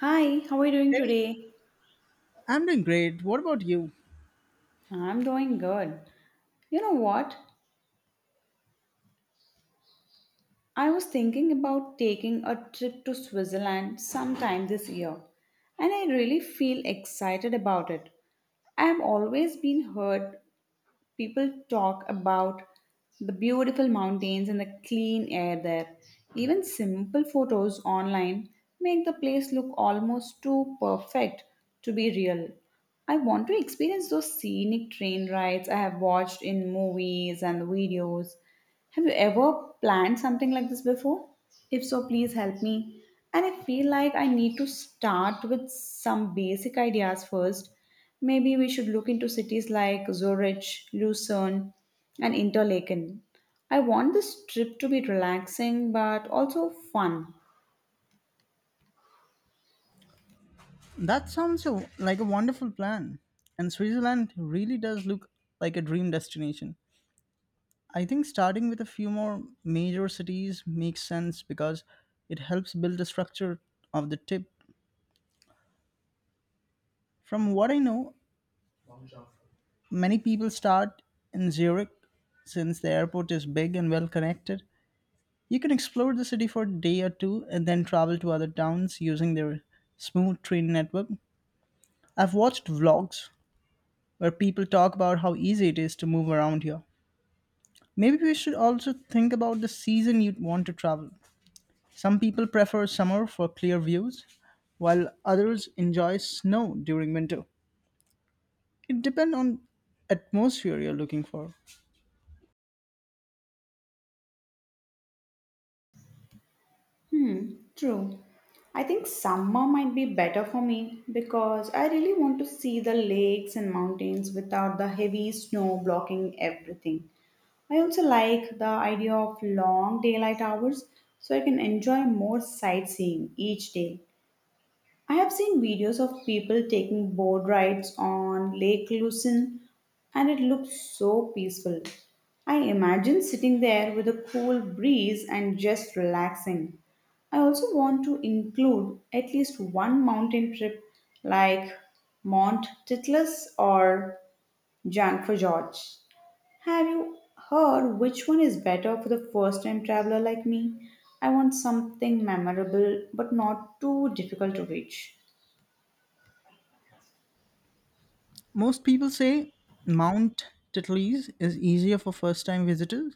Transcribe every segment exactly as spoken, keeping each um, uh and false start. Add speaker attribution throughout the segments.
Speaker 1: Hi, how are you doing
Speaker 2: Hey,
Speaker 1: today?
Speaker 2: I'm doing great. What about you?
Speaker 1: I'm doing good. You know what? I was thinking about taking a trip to Switzerland sometime this year, and I really feel excited about it. I've always been heard people talk about the beautiful mountains and the clean air there. Even simple photos online make the place look almost too perfect to be real. I want to experience those scenic train rides I have watched in movies and videos. Have you ever planned something like this before? If so, please help me. And I feel like I need to start with some basic ideas first. Maybe we should look into cities like Zurich, Lucerne, and Interlaken. I want this trip to be relaxing but also fun.
Speaker 2: That sounds a, like a wonderful plan. And Switzerland really does look like a dream destination. I think starting with a few more major cities makes sense because it helps build the structure of the trip. From what I know, many people start in Zurich since the airport is big and well connected. You can explore the city for a day or two and then travel to other towns using their smooth train network. I've watched vlogs where people talk about how easy it is to move around here. Maybe we should also think about the season you'd want to travel. Some people prefer summer for clear views, while others enjoy snow during winter. It depends on atmosphere you're looking for.
Speaker 1: Hmm, true. I think summer might be better for me because I really want to see the lakes and mountains without the heavy snow blocking everything. I also like the idea of long daylight hours so I can enjoy more sightseeing each day. I have seen videos of people taking boat rides on Lake Lucerne and it looks so peaceful. I imagine sitting there with a cool breeze and just relaxing. I also want to include at least one mountain trip like Mount Titlis or Jankfajorj. Have you heard which one is better for the first time traveler like me? I want something memorable but not too difficult to reach.
Speaker 2: Most people say Mount Titlis is easier for first-time visitors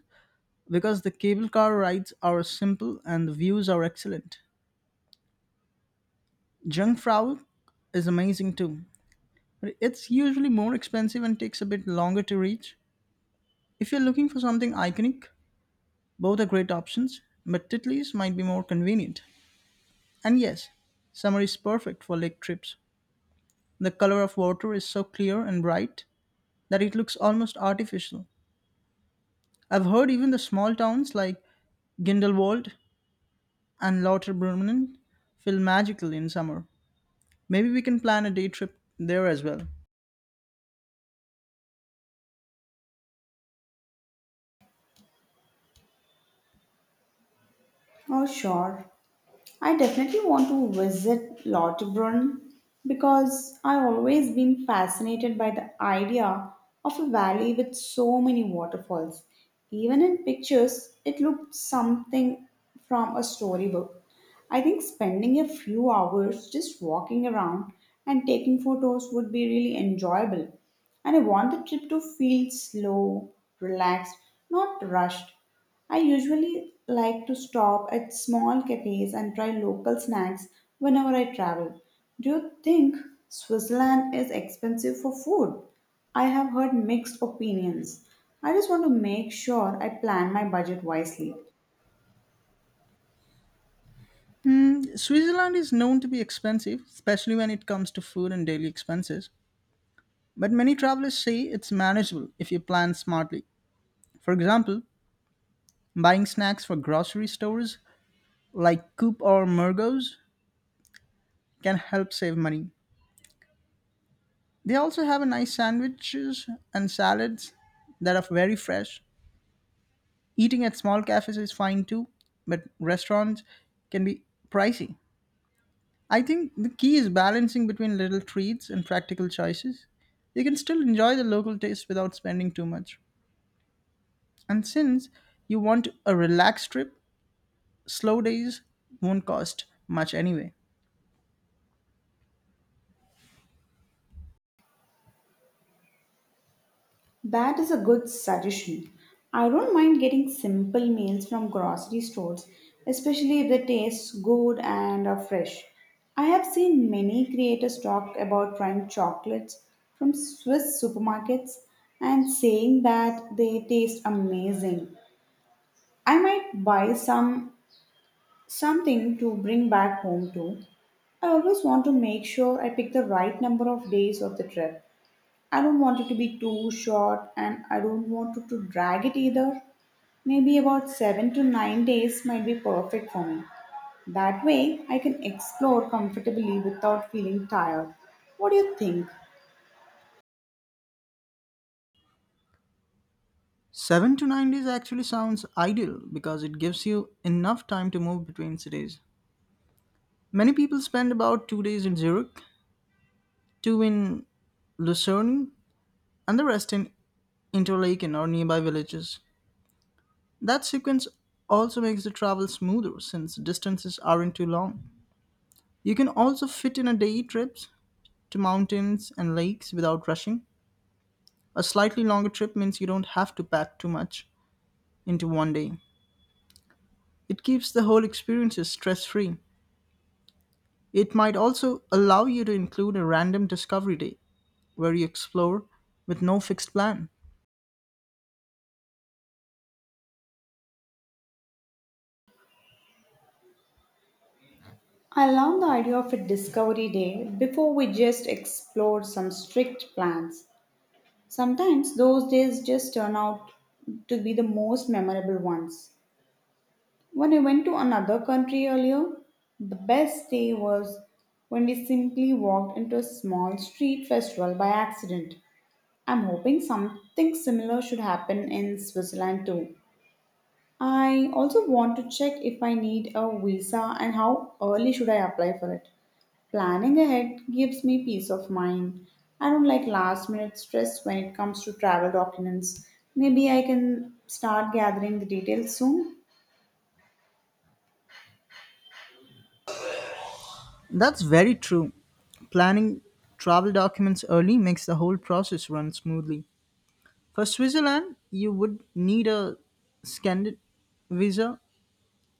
Speaker 2: because the cable car rides are simple and the views are excellent. Jungfrau is amazing too. It's usually more expensive and takes a bit longer to reach. If you're looking for something iconic, both are great options, but Titlis might be more convenient. And yes, summer is perfect for lake trips. The color of water is so clear and bright that it looks almost artificial. I've heard even the small towns like Grindelwald and Lauterbrunnen feel magical in summer. Maybe we can plan a day trip there as well.
Speaker 1: Oh, sure. I definitely want to visit Lauterbrunnen because I've always been fascinated by the idea of a valley with so many waterfalls. Even in pictures, it looked something from a storybook. I think spending a few hours just walking around and taking photos would be really enjoyable, and I want the trip to feel slow, relaxed, not rushed. I usually like to stop at small cafes and try local snacks whenever I travel. Do you think Switzerland is expensive for food? I have heard mixed opinions. I just want to make sure I plan my budget wisely.
Speaker 2: Mm, Switzerland is known to be expensive, especially when it comes to food and daily expenses. But many travelers say it's manageable if you plan smartly. For example, buying snacks for grocery stores like Coop or Mergos can help save money. They also have a nice sandwiches and salads that are very fresh. Eating at small cafes is fine too, but restaurants can be pricey. I think the key is balancing between little treats and practical choices. You can still enjoy the local taste without spending too much. And since you want a relaxed trip, slow days won't cost much anyway.
Speaker 1: That is a good suggestion. I don't mind getting simple meals from grocery stores, especially if they taste good and are fresh. I have seen many creators talk about trying chocolates from Swiss supermarkets and saying that they taste amazing. I might buy some something to bring back home too. I always want to make sure I pick the right number of days of the trip. I don't want it to be too short and I don't want it to drag it either. Maybe about seven to nine days might be perfect for me. That way, I can explore comfortably without feeling tired. What do you think?
Speaker 2: seven to nine days actually sounds ideal because it gives you enough time to move between cities. Many people spend about two days in Zurich, two in Lucerne, and the rest in Interlaken or nearby villages. That sequence also makes the travel smoother since distances aren't too long. You can also fit in a day trips to mountains and lakes without rushing. A slightly longer trip means you don't have to pack too much into one day. It keeps the whole experience stress free. It might also allow you to include a random discovery day where you explore with no fixed plan.
Speaker 1: I love the idea of a discovery day before we just explore some strict plans. Sometimes those days just turn out to be the most memorable ones. When I went to another country earlier, the best day was when we simply walked into a small street festival by accident. I'm hoping something similar should happen in Switzerland too. I also want to check if I need a visa and how early should I apply for it. Planning ahead gives me peace of mind. I don't like last minute stress when it comes to travel documents. Maybe I can start gathering the details soon.
Speaker 2: That's very true. Planning travel documents early makes the whole process run smoothly. For Switzerland, you would need a Scandin visa,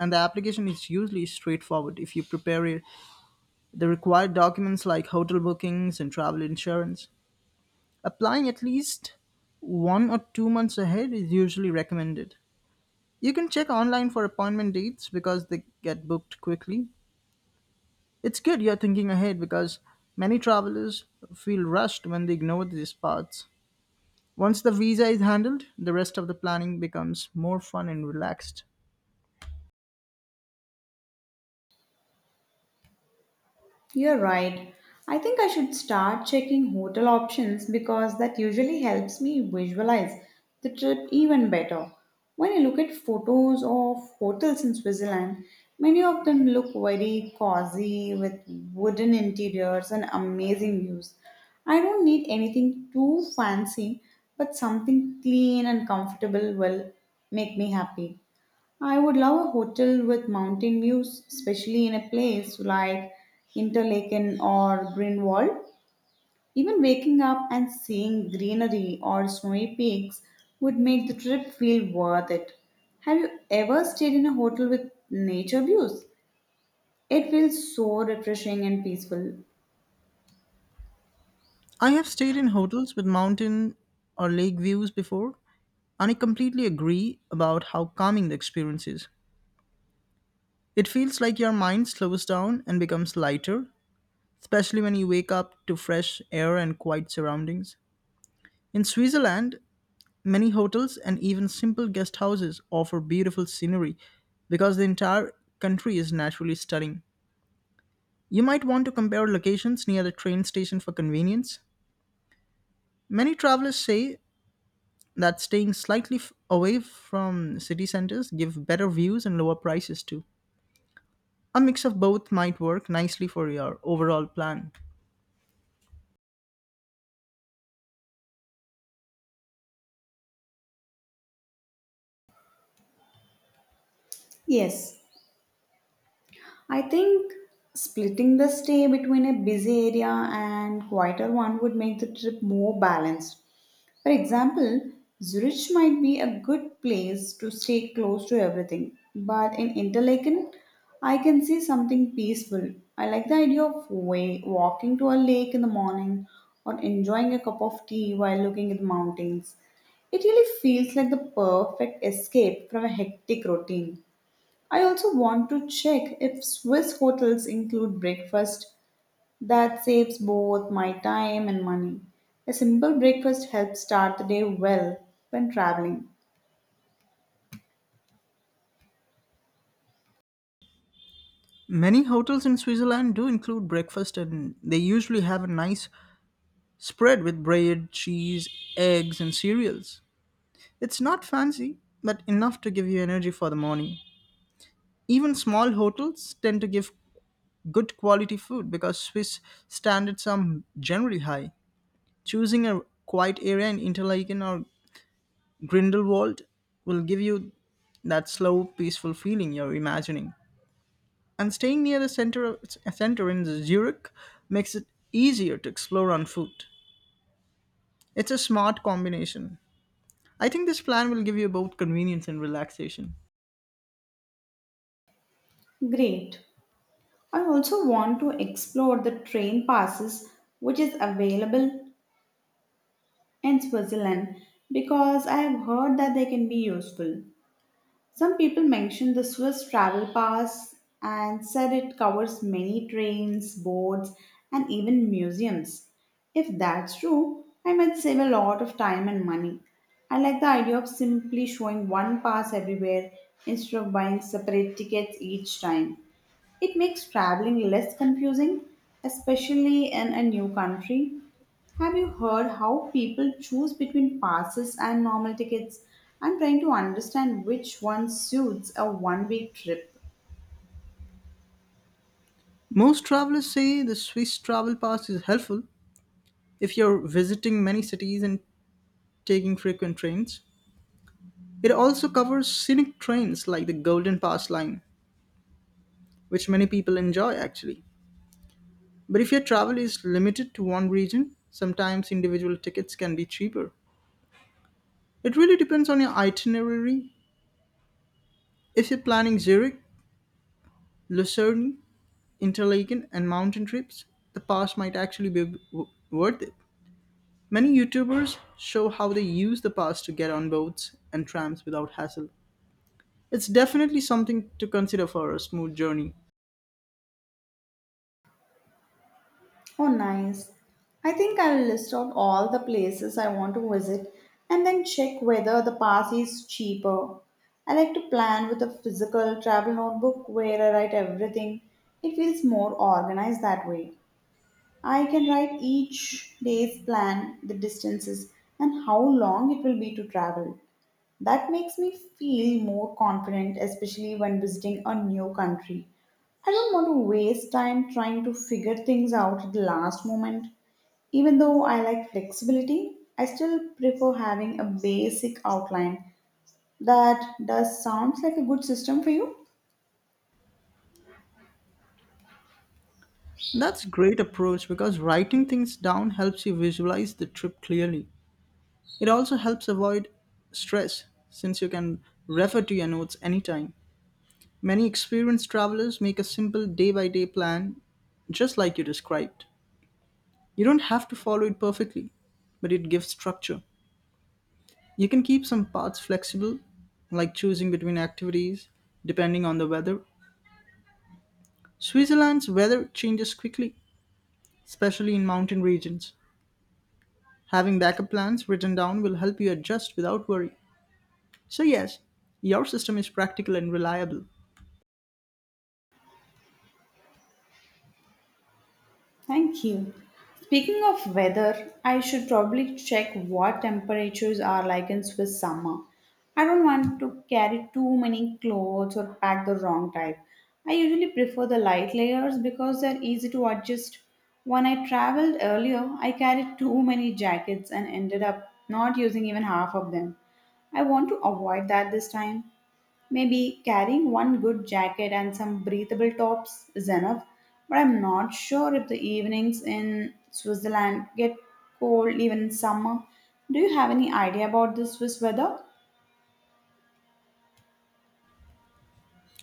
Speaker 2: and the application is usually straightforward if you prepare it- the required documents like hotel bookings and travel insurance. Applying at least one or two months ahead is usually recommended. You can check online for appointment dates because they get booked quickly. It's good you're thinking ahead because many travelers feel rushed when they ignore these parts. Once the visa is handled, the rest of the planning becomes more fun and relaxed.
Speaker 1: You're right. I think I should start checking hotel options because that usually helps me visualize the trip even better. When I look at photos of hotels in Switzerland, many of them look very cozy with wooden interiors and amazing views. I don't need anything too fancy, but something clean and comfortable will make me happy. I would love a hotel with mountain views, especially in a place like Interlaken or Greenwald. Even waking up and seeing greenery or snowy peaks would make the trip feel worth it. Have you ever stayed in a hotel with nature views? It feels so refreshing and peaceful.
Speaker 2: I have stayed in hotels with mountain or lake views before, and I completely agree about how calming the experience is. It feels like your mind slows down and becomes lighter, especially when you wake up to fresh air and quiet surroundings. In Switzerland, many hotels and even simple guest houses offer beautiful scenery because the entire country is naturally stunning. You might want to compare locations near the train station for convenience. Many travelers say that staying slightly f- away from city centers give better views and lower prices too. A mix of both might work nicely for your overall plan.
Speaker 1: Yes, I think splitting the stay between a busy area and quieter one would make the trip more balanced. For example, Zurich might be a good place to stay close to everything, but in Interlaken, I can see something peaceful. I like the idea of way, walking to a lake in the morning or enjoying a cup of tea while looking at the mountains. It really feels like the perfect escape from a hectic routine. I also want to check if Swiss hotels include breakfast that saves both my time and money. A simple breakfast helps start the day well when traveling.
Speaker 2: Many hotels in Switzerland do include breakfast and they usually have a nice spread with bread, cheese, eggs and cereals. It's not fancy, but enough to give you energy for the morning. Even small hotels tend to give good quality food because Swiss standards are generally high. Choosing a quiet area in Interlaken or Grindelwald will give you that slow, peaceful feeling you're imagining. And staying near the center, of, center in Zurich makes it easier to explore on foot. It's a smart combination. I think this plan will give you both convenience and relaxation.
Speaker 1: Great. I also want to explore the train passes which is available in Switzerland because I have heard that they can be useful. Some people mentioned the Swiss travel pass and said it covers many trains, boats, and even museums. If that's true, I might save a lot of time and money. I like the idea of simply showing one pass everywhere instead of buying separate tickets each time. It makes traveling less confusing, especially in a new country. Have you heard how people choose between passes and normal tickets? I'm trying to understand which one suits a one week trip.
Speaker 2: Most travelers say the Swiss travel pass is helpful if you're visiting many cities and taking frequent trains. It also covers scenic trains like the Golden Pass line, which many people enjoy actually. But if your travel is limited to one region, sometimes individual tickets can be cheaper. It really depends on your itinerary. If you're planning Zurich, Lucerne, Interlaken, and mountain trips, the pass might actually be w- worth it. Many YouTubers show how they use the pass to get on boats and trams without hassle. It's definitely something to consider for a smooth journey.
Speaker 1: Oh, nice. I think I'll list out all the places I want to visit and then check whether the pass is cheaper. I like to plan with a physical travel notebook where I write everything. It feels more organized that way. I can write each day's plan, the distances, and how long it will be to travel. That makes me feel more confident, especially when visiting a new country. I don't want to waste time trying to figure things out at the last moment. Even though I like flexibility, I still prefer having a basic outline. That does sounds like a good system for you.
Speaker 2: That's a great approach because writing things down helps you visualize the trip clearly. It also helps avoid stress since you can refer to your notes anytime. Many experienced travelers make a simple day by day plan, just like you described. You don't have to follow it perfectly, but it gives structure. You can keep some parts flexible, like choosing between activities depending on the weather. Switzerland's weather changes quickly, especially in mountain regions. Having backup plans written down will help you adjust without worry. So, yes, your system is practical and reliable.
Speaker 1: Thank you. Speaking of weather, I should probably check what temperatures are like in Swiss summer. I don't want to carry too many clothes or pack the wrong type. I usually prefer the light layers because they're easy to adjust. When I traveled earlier, I carried too many jackets and ended up not using even half of them. I want to avoid that this time. Maybe carrying one good jacket and some breathable tops is enough, but I'm not sure if the evenings in Switzerland get cold even in summer. Do you have any idea about the Swiss weather?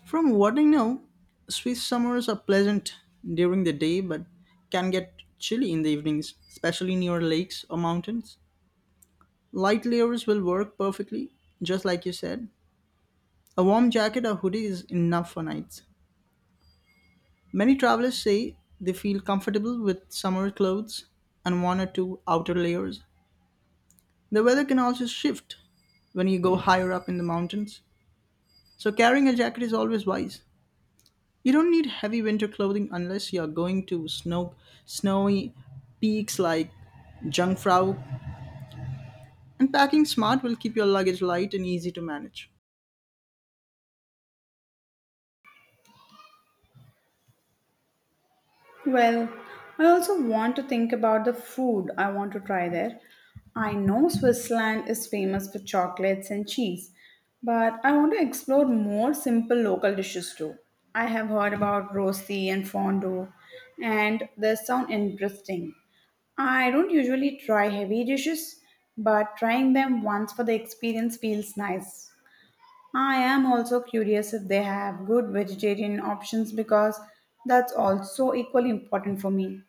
Speaker 2: From what I know, Swiss summers are pleasant during the day but can get chilly in the evenings, especially near lakes or mountains. Light layers will work perfectly, just like you said. A warm jacket or hoodie is enough for nights. Many travelers say they feel comfortable with summer clothes and one or two outer layers. The weather can also shift when you go higher up in the mountains, so carrying a jacket is always wise. You don't need heavy winter clothing unless you're going to snow, snowy peaks like Jungfrau, and packing smart will keep your luggage light and easy to manage.
Speaker 1: Well, I also want to think about the food I want to try there. I know Switzerland is famous for chocolates and cheese, but I want to explore more simple local dishes too. I have heard about rosti and fondue, and they sound interesting. I don't usually try heavy dishes, but trying them once for the experience feels nice. I am also curious if they have good vegetarian options because that's also equally important for me.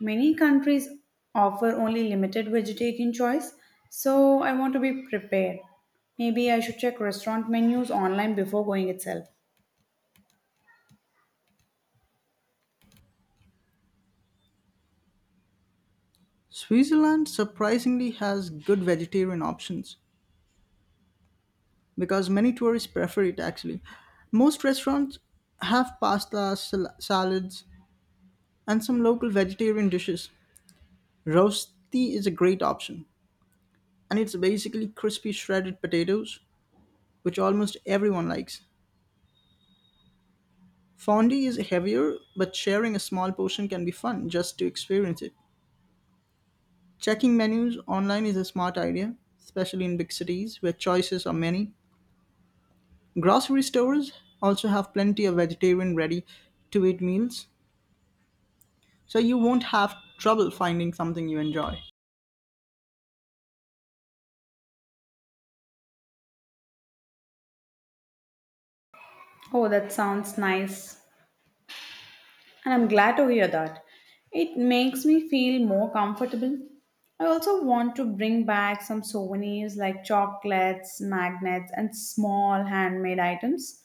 Speaker 1: Many countries offer only limited vegetarian choice, so I want to be prepared. Maybe I should check restaurant menus online before going itself.
Speaker 2: Switzerland surprisingly has good vegetarian options because many tourists prefer it actually. Most restaurants have pasta, sal- salads, and some local vegetarian dishes. Rosti is a great option, and it's basically crispy shredded potatoes, which almost everyone likes. Fondue is heavier, but sharing a small portion can be fun just to experience it. Checking menus online is a smart idea, especially in big cities where choices are many. Grocery stores also have plenty of vegetarian ready to eat meals, so you won't have trouble finding something you enjoy.
Speaker 1: Oh, that sounds nice. And I'm glad to hear that. It makes me feel more comfortable. I also want to bring back some souvenirs like chocolates, magnets, and small handmade items.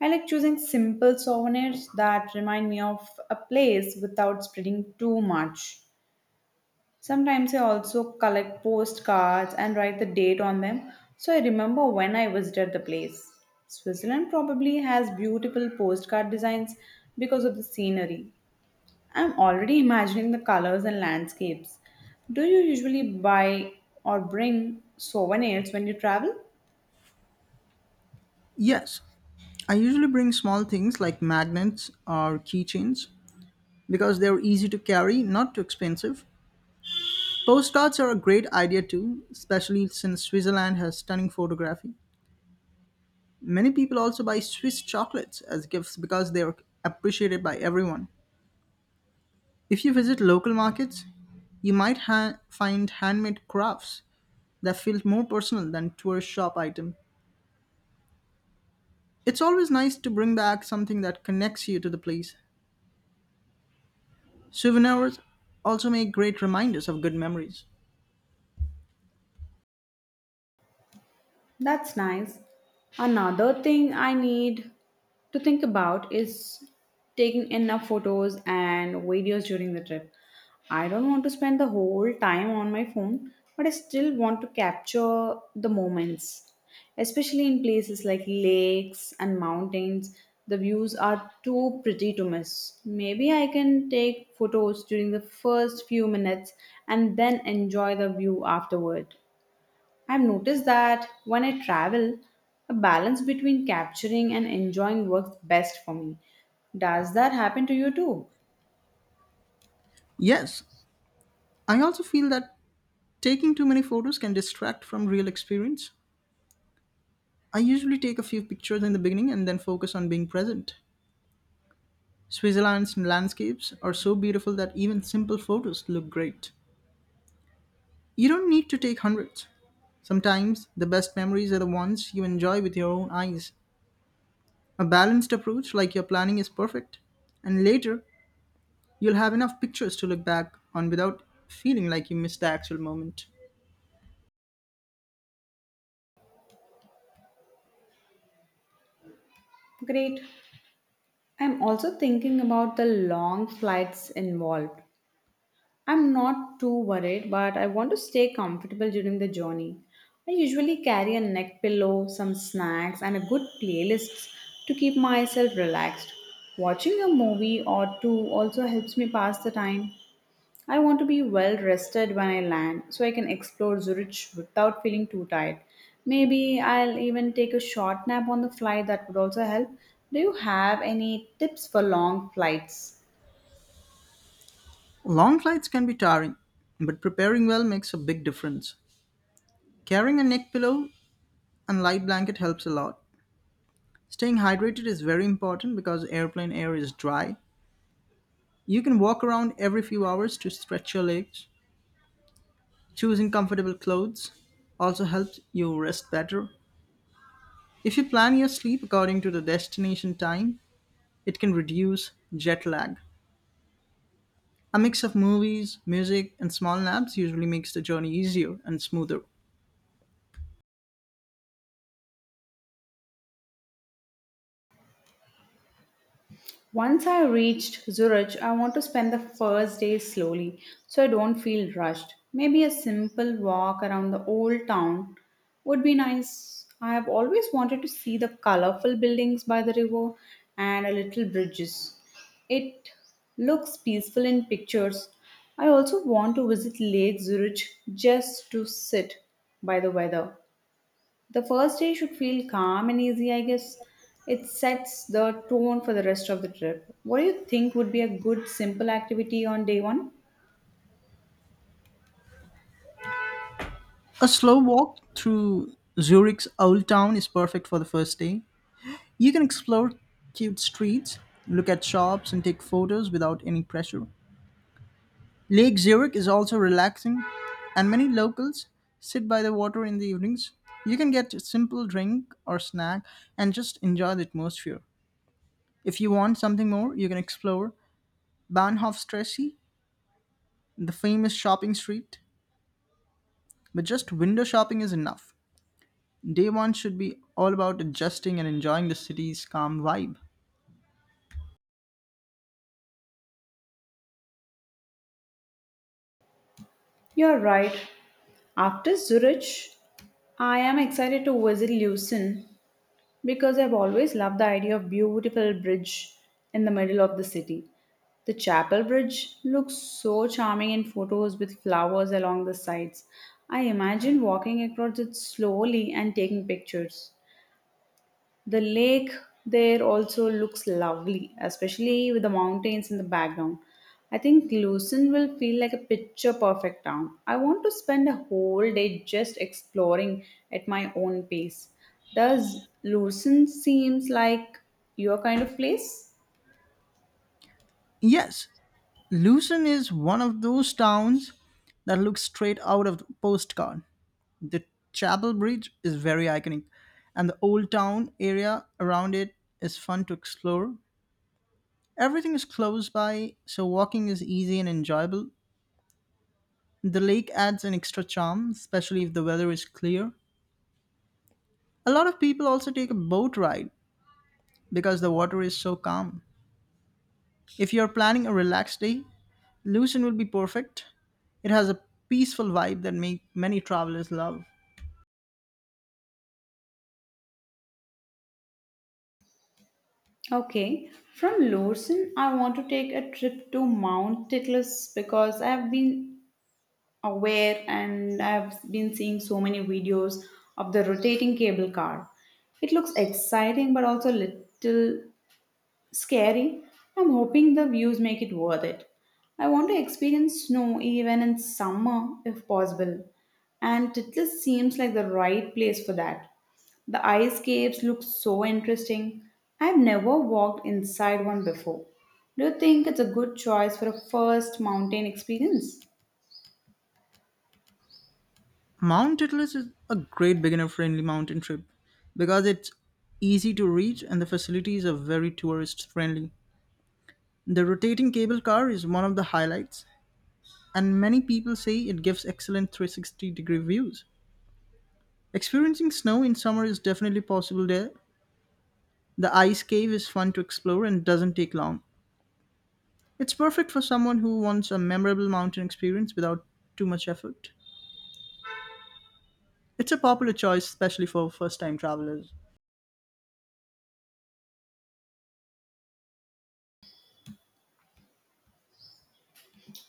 Speaker 1: I like choosing simple souvenirs that remind me of a place without spreading too much. Sometimes I also collect postcards and write the date on them so I remember when I visited the place. Switzerland probably has beautiful postcard designs because of the scenery. I'm already imagining the colors and landscapes. Do you usually buy or bring souvenirs when you travel?
Speaker 2: Yes, I usually bring small things like magnets or keychains because they're easy to carry, not too expensive. Postcards are a great idea too, especially since Switzerland has stunning photography. Many people also buy Swiss chocolates as gifts because they are appreciated by everyone. If you visit local markets, you might ha- find handmade crafts that feel more personal than tourist shop item. It's always nice to bring back something that connects you to the place. Souvenirs also make great reminders of good memories.
Speaker 1: That's nice. Another thing I need to think about is taking enough photos and videos during the trip. I don't want to spend the whole time on my phone, but I still want to capture the moments. Especially in places like lakes and mountains, the views are too pretty to miss. Maybe I can take photos during the first few minutes and then enjoy the view afterward. I've noticed that when I travel, a balance between capturing and enjoying works best for me. Does that happen to you too?
Speaker 2: Yes, I also feel that taking too many photos can distract from real experience. I usually take a few pictures in the beginning and then focus on being present. Switzerland's landscapes are so beautiful that even simple photos look great. You don't need to take hundreds. Sometimes the best memories are the ones you enjoy with your own eyes. A balanced approach like your planning is perfect. And later, you'll have enough pictures to look back on without feeling like you missed the actual moment.
Speaker 1: Great. I'm also thinking about the long flights involved. I'm not too worried, but I want to stay comfortable during the journey. I usually carry a neck pillow, some snacks, and a good playlist to keep myself relaxed. Watching a movie or two also helps me pass the time. I want to be well rested when I land so I can explore Zurich without feeling too tired. Maybe I'll even take a short nap on the flight that would also help. Do you have any tips for long flights?
Speaker 2: Long flights can be tiring, but preparing well makes a big difference. Carrying a neck pillow and light blanket helps a lot. Staying hydrated is very important because airplane air is dry. You can walk around every few hours to stretch your legs. Choosing comfortable clothes also helps you rest better. If you plan your sleep according to the destination time, it can reduce jet lag. A mix of movies, music, and small naps usually makes the journey easier and smoother.
Speaker 1: Once I reached Zurich, I want to spend the first day slowly so I don't feel rushed. Maybe a simple walk around the old town would be nice. I have always wanted to see the colorful buildings by the river and a little bridges. It looks peaceful in pictures. I also want to visit Lake Zurich just to sit by the weather. The first day should feel calm and easy, I guess. It sets the tone for the rest of the trip. What do you think would be a good simple activity on day one?
Speaker 2: A slow walk through Zurich's old town is perfect for the first day. You can explore cute streets, look at shops, and take photos without any pressure. Lake Zurich is also relaxing, and many locals sit by the water in the evenings. You can get a simple drink or snack and just enjoy the atmosphere. If you want something more, you can explore Bahnhofstrasse, the famous shopping street. But just window shopping is enough. Day one should be all about adjusting and enjoying the city's calm vibe.
Speaker 1: You're right. After Zurich, I am excited to visit Lucerne because I've always loved the idea of beautiful bridge in the middle of the city. The Chapel Bridge looks so charming in photos with flowers along the sides. I imagine walking across it slowly and taking pictures. The lake there also looks lovely, especially with the mountains in the background. I think Lucerne will feel like a picture perfect town. I want to spend a whole day just exploring at my own pace. Does Lucerne seems like your kind of place?
Speaker 2: Yes, Lucerne is one of those towns that looks straight out of the postcard. The Chapel Bridge is very iconic, and the old town area around it is fun to explore. Everything is close by, so walking is easy and enjoyable. The lake adds an extra charm, especially if the weather is clear. A lot of people also take a boat ride because the water is so calm. If you're planning a relaxed day, Lucerne will be perfect. It has a peaceful vibe that make many travelers love.
Speaker 1: Okay, from Lorsen, I want to take a trip to Mount Titlis because I have been aware and I've been seeing so many videos of the rotating cable car. It looks exciting but also little scary. I'm hoping the views make it worth it. I want to experience snow even in summer if possible, and it just seems like the right place for that. The ice caves look so interesting. I've never walked inside one before. Do you think it's a good choice for a first mountain experience?
Speaker 2: Mount Titlis is a great beginner friendly mountain trip because it's easy to reach and the facilities are very tourist friendly. The rotating cable car is one of the highlights, and many people say it gives excellent three hundred sixty degree views. Experiencing snow in summer is definitely possible there. The ice cave is fun to explore and doesn't take long. It's perfect for someone who wants a memorable mountain experience without too much effort. It's a popular choice, especially for first time travelers.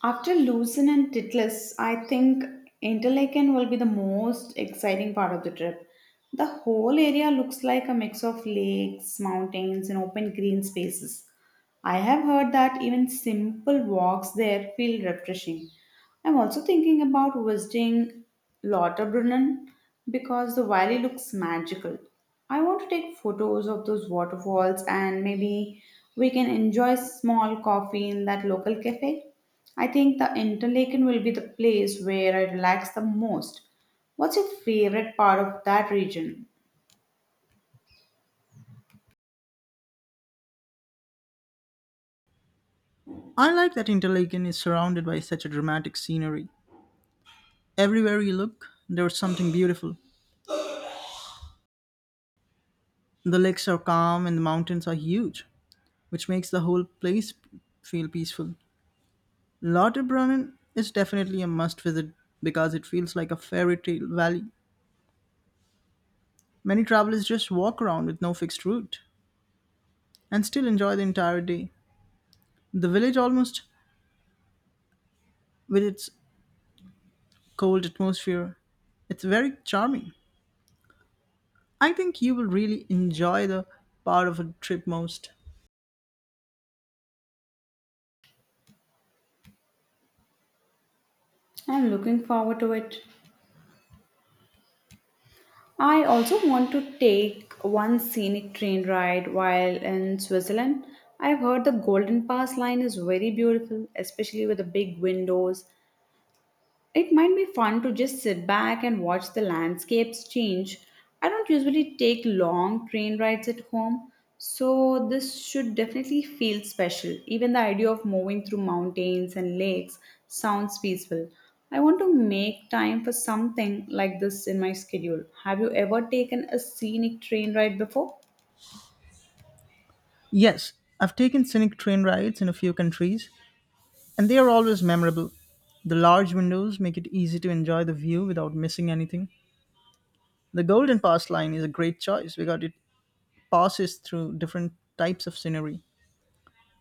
Speaker 1: After Lucerne and Titlis, I think Interlaken will be the most exciting part of the trip. The whole area looks like a mix of lakes, mountains, and open green spaces. I have heard that even simple walks there feel refreshing. I'm also thinking about visiting Lauterbrunnen because the valley looks magical. I want to take photos of those waterfalls and maybe we can enjoy small coffee in that local cafe. I think the Interlaken will be the place where I relax the most. What's your favorite part of that region?
Speaker 2: I like that Interlaken is surrounded by such a dramatic scenery. Everywhere you look, there's something beautiful. The lakes are calm and the mountains are huge, which makes the whole place feel peaceful. Lauterbrunnen is definitely a must visit because it feels like a fairy tale valley. Many travelers just walk around with no fixed route and still enjoy the entire day. The village, almost with its cold atmosphere, it's very charming. I think you will really enjoy the part of a trip most.
Speaker 1: I'm looking forward to it. I also want to take one scenic train ride while in Switzerland. I've heard the Golden Pass line is very beautiful, especially with the big windows it might be fun to just sit back and watch the landscapes change. I don't usually take long train rides at home, so this should definitely feel special. Even the idea of moving through mountains and lakes sounds peaceful. I want to make time for something like this in my schedule. Have you ever taken a scenic train ride before?
Speaker 2: Yes, I've taken scenic train rides in a few countries, and they are always memorable. The large windows make it easy to enjoy the view without missing anything. The Golden Pass line is a great choice because it passes through different types of scenery.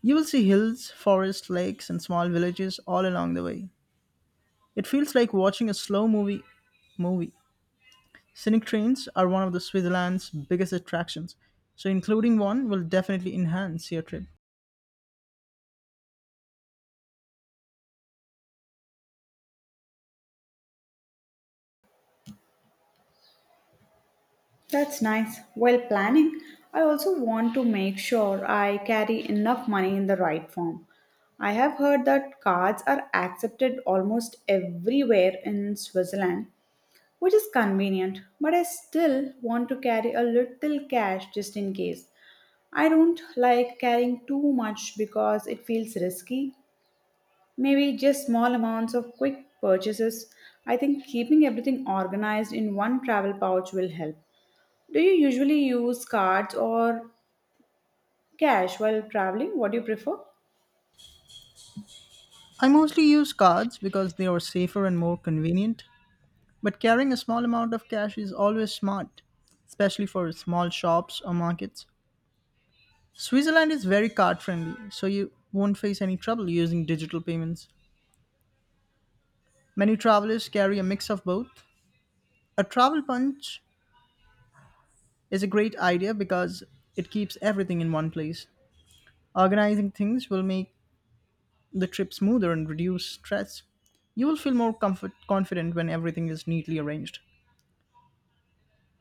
Speaker 2: You will see hills, forests, lakes, and small villages all along the way. It feels like watching a slow movie movie. Scenic trains are one of the Switzerland's biggest attractions, so including one will definitely enhance your trip.
Speaker 1: That's nice. While planning, I also want to make sure I carry enough money in the right form. I have heard that cards are accepted almost everywhere in Switzerland, which is convenient, but I still want to carry a little cash just in case. I don't like carrying too much because it feels risky. Maybe just small amounts of quick purchases. I think keeping everything organized in one travel pouch will help. Do you usually use cards or cash while traveling? What do you prefer?
Speaker 2: I mostly use cards because they are safer and more convenient, but carrying a small amount of cash is always smart, especially for small shops or markets. Switzerland is very card friendly, so you won't face any trouble using digital payments. Many travelers carry a mix of both. A travel punch is a great idea because it keeps everything in one place. Organizing things will make the trip smoother and reduce stress. You will feel more comfort confident when everything is neatly arranged.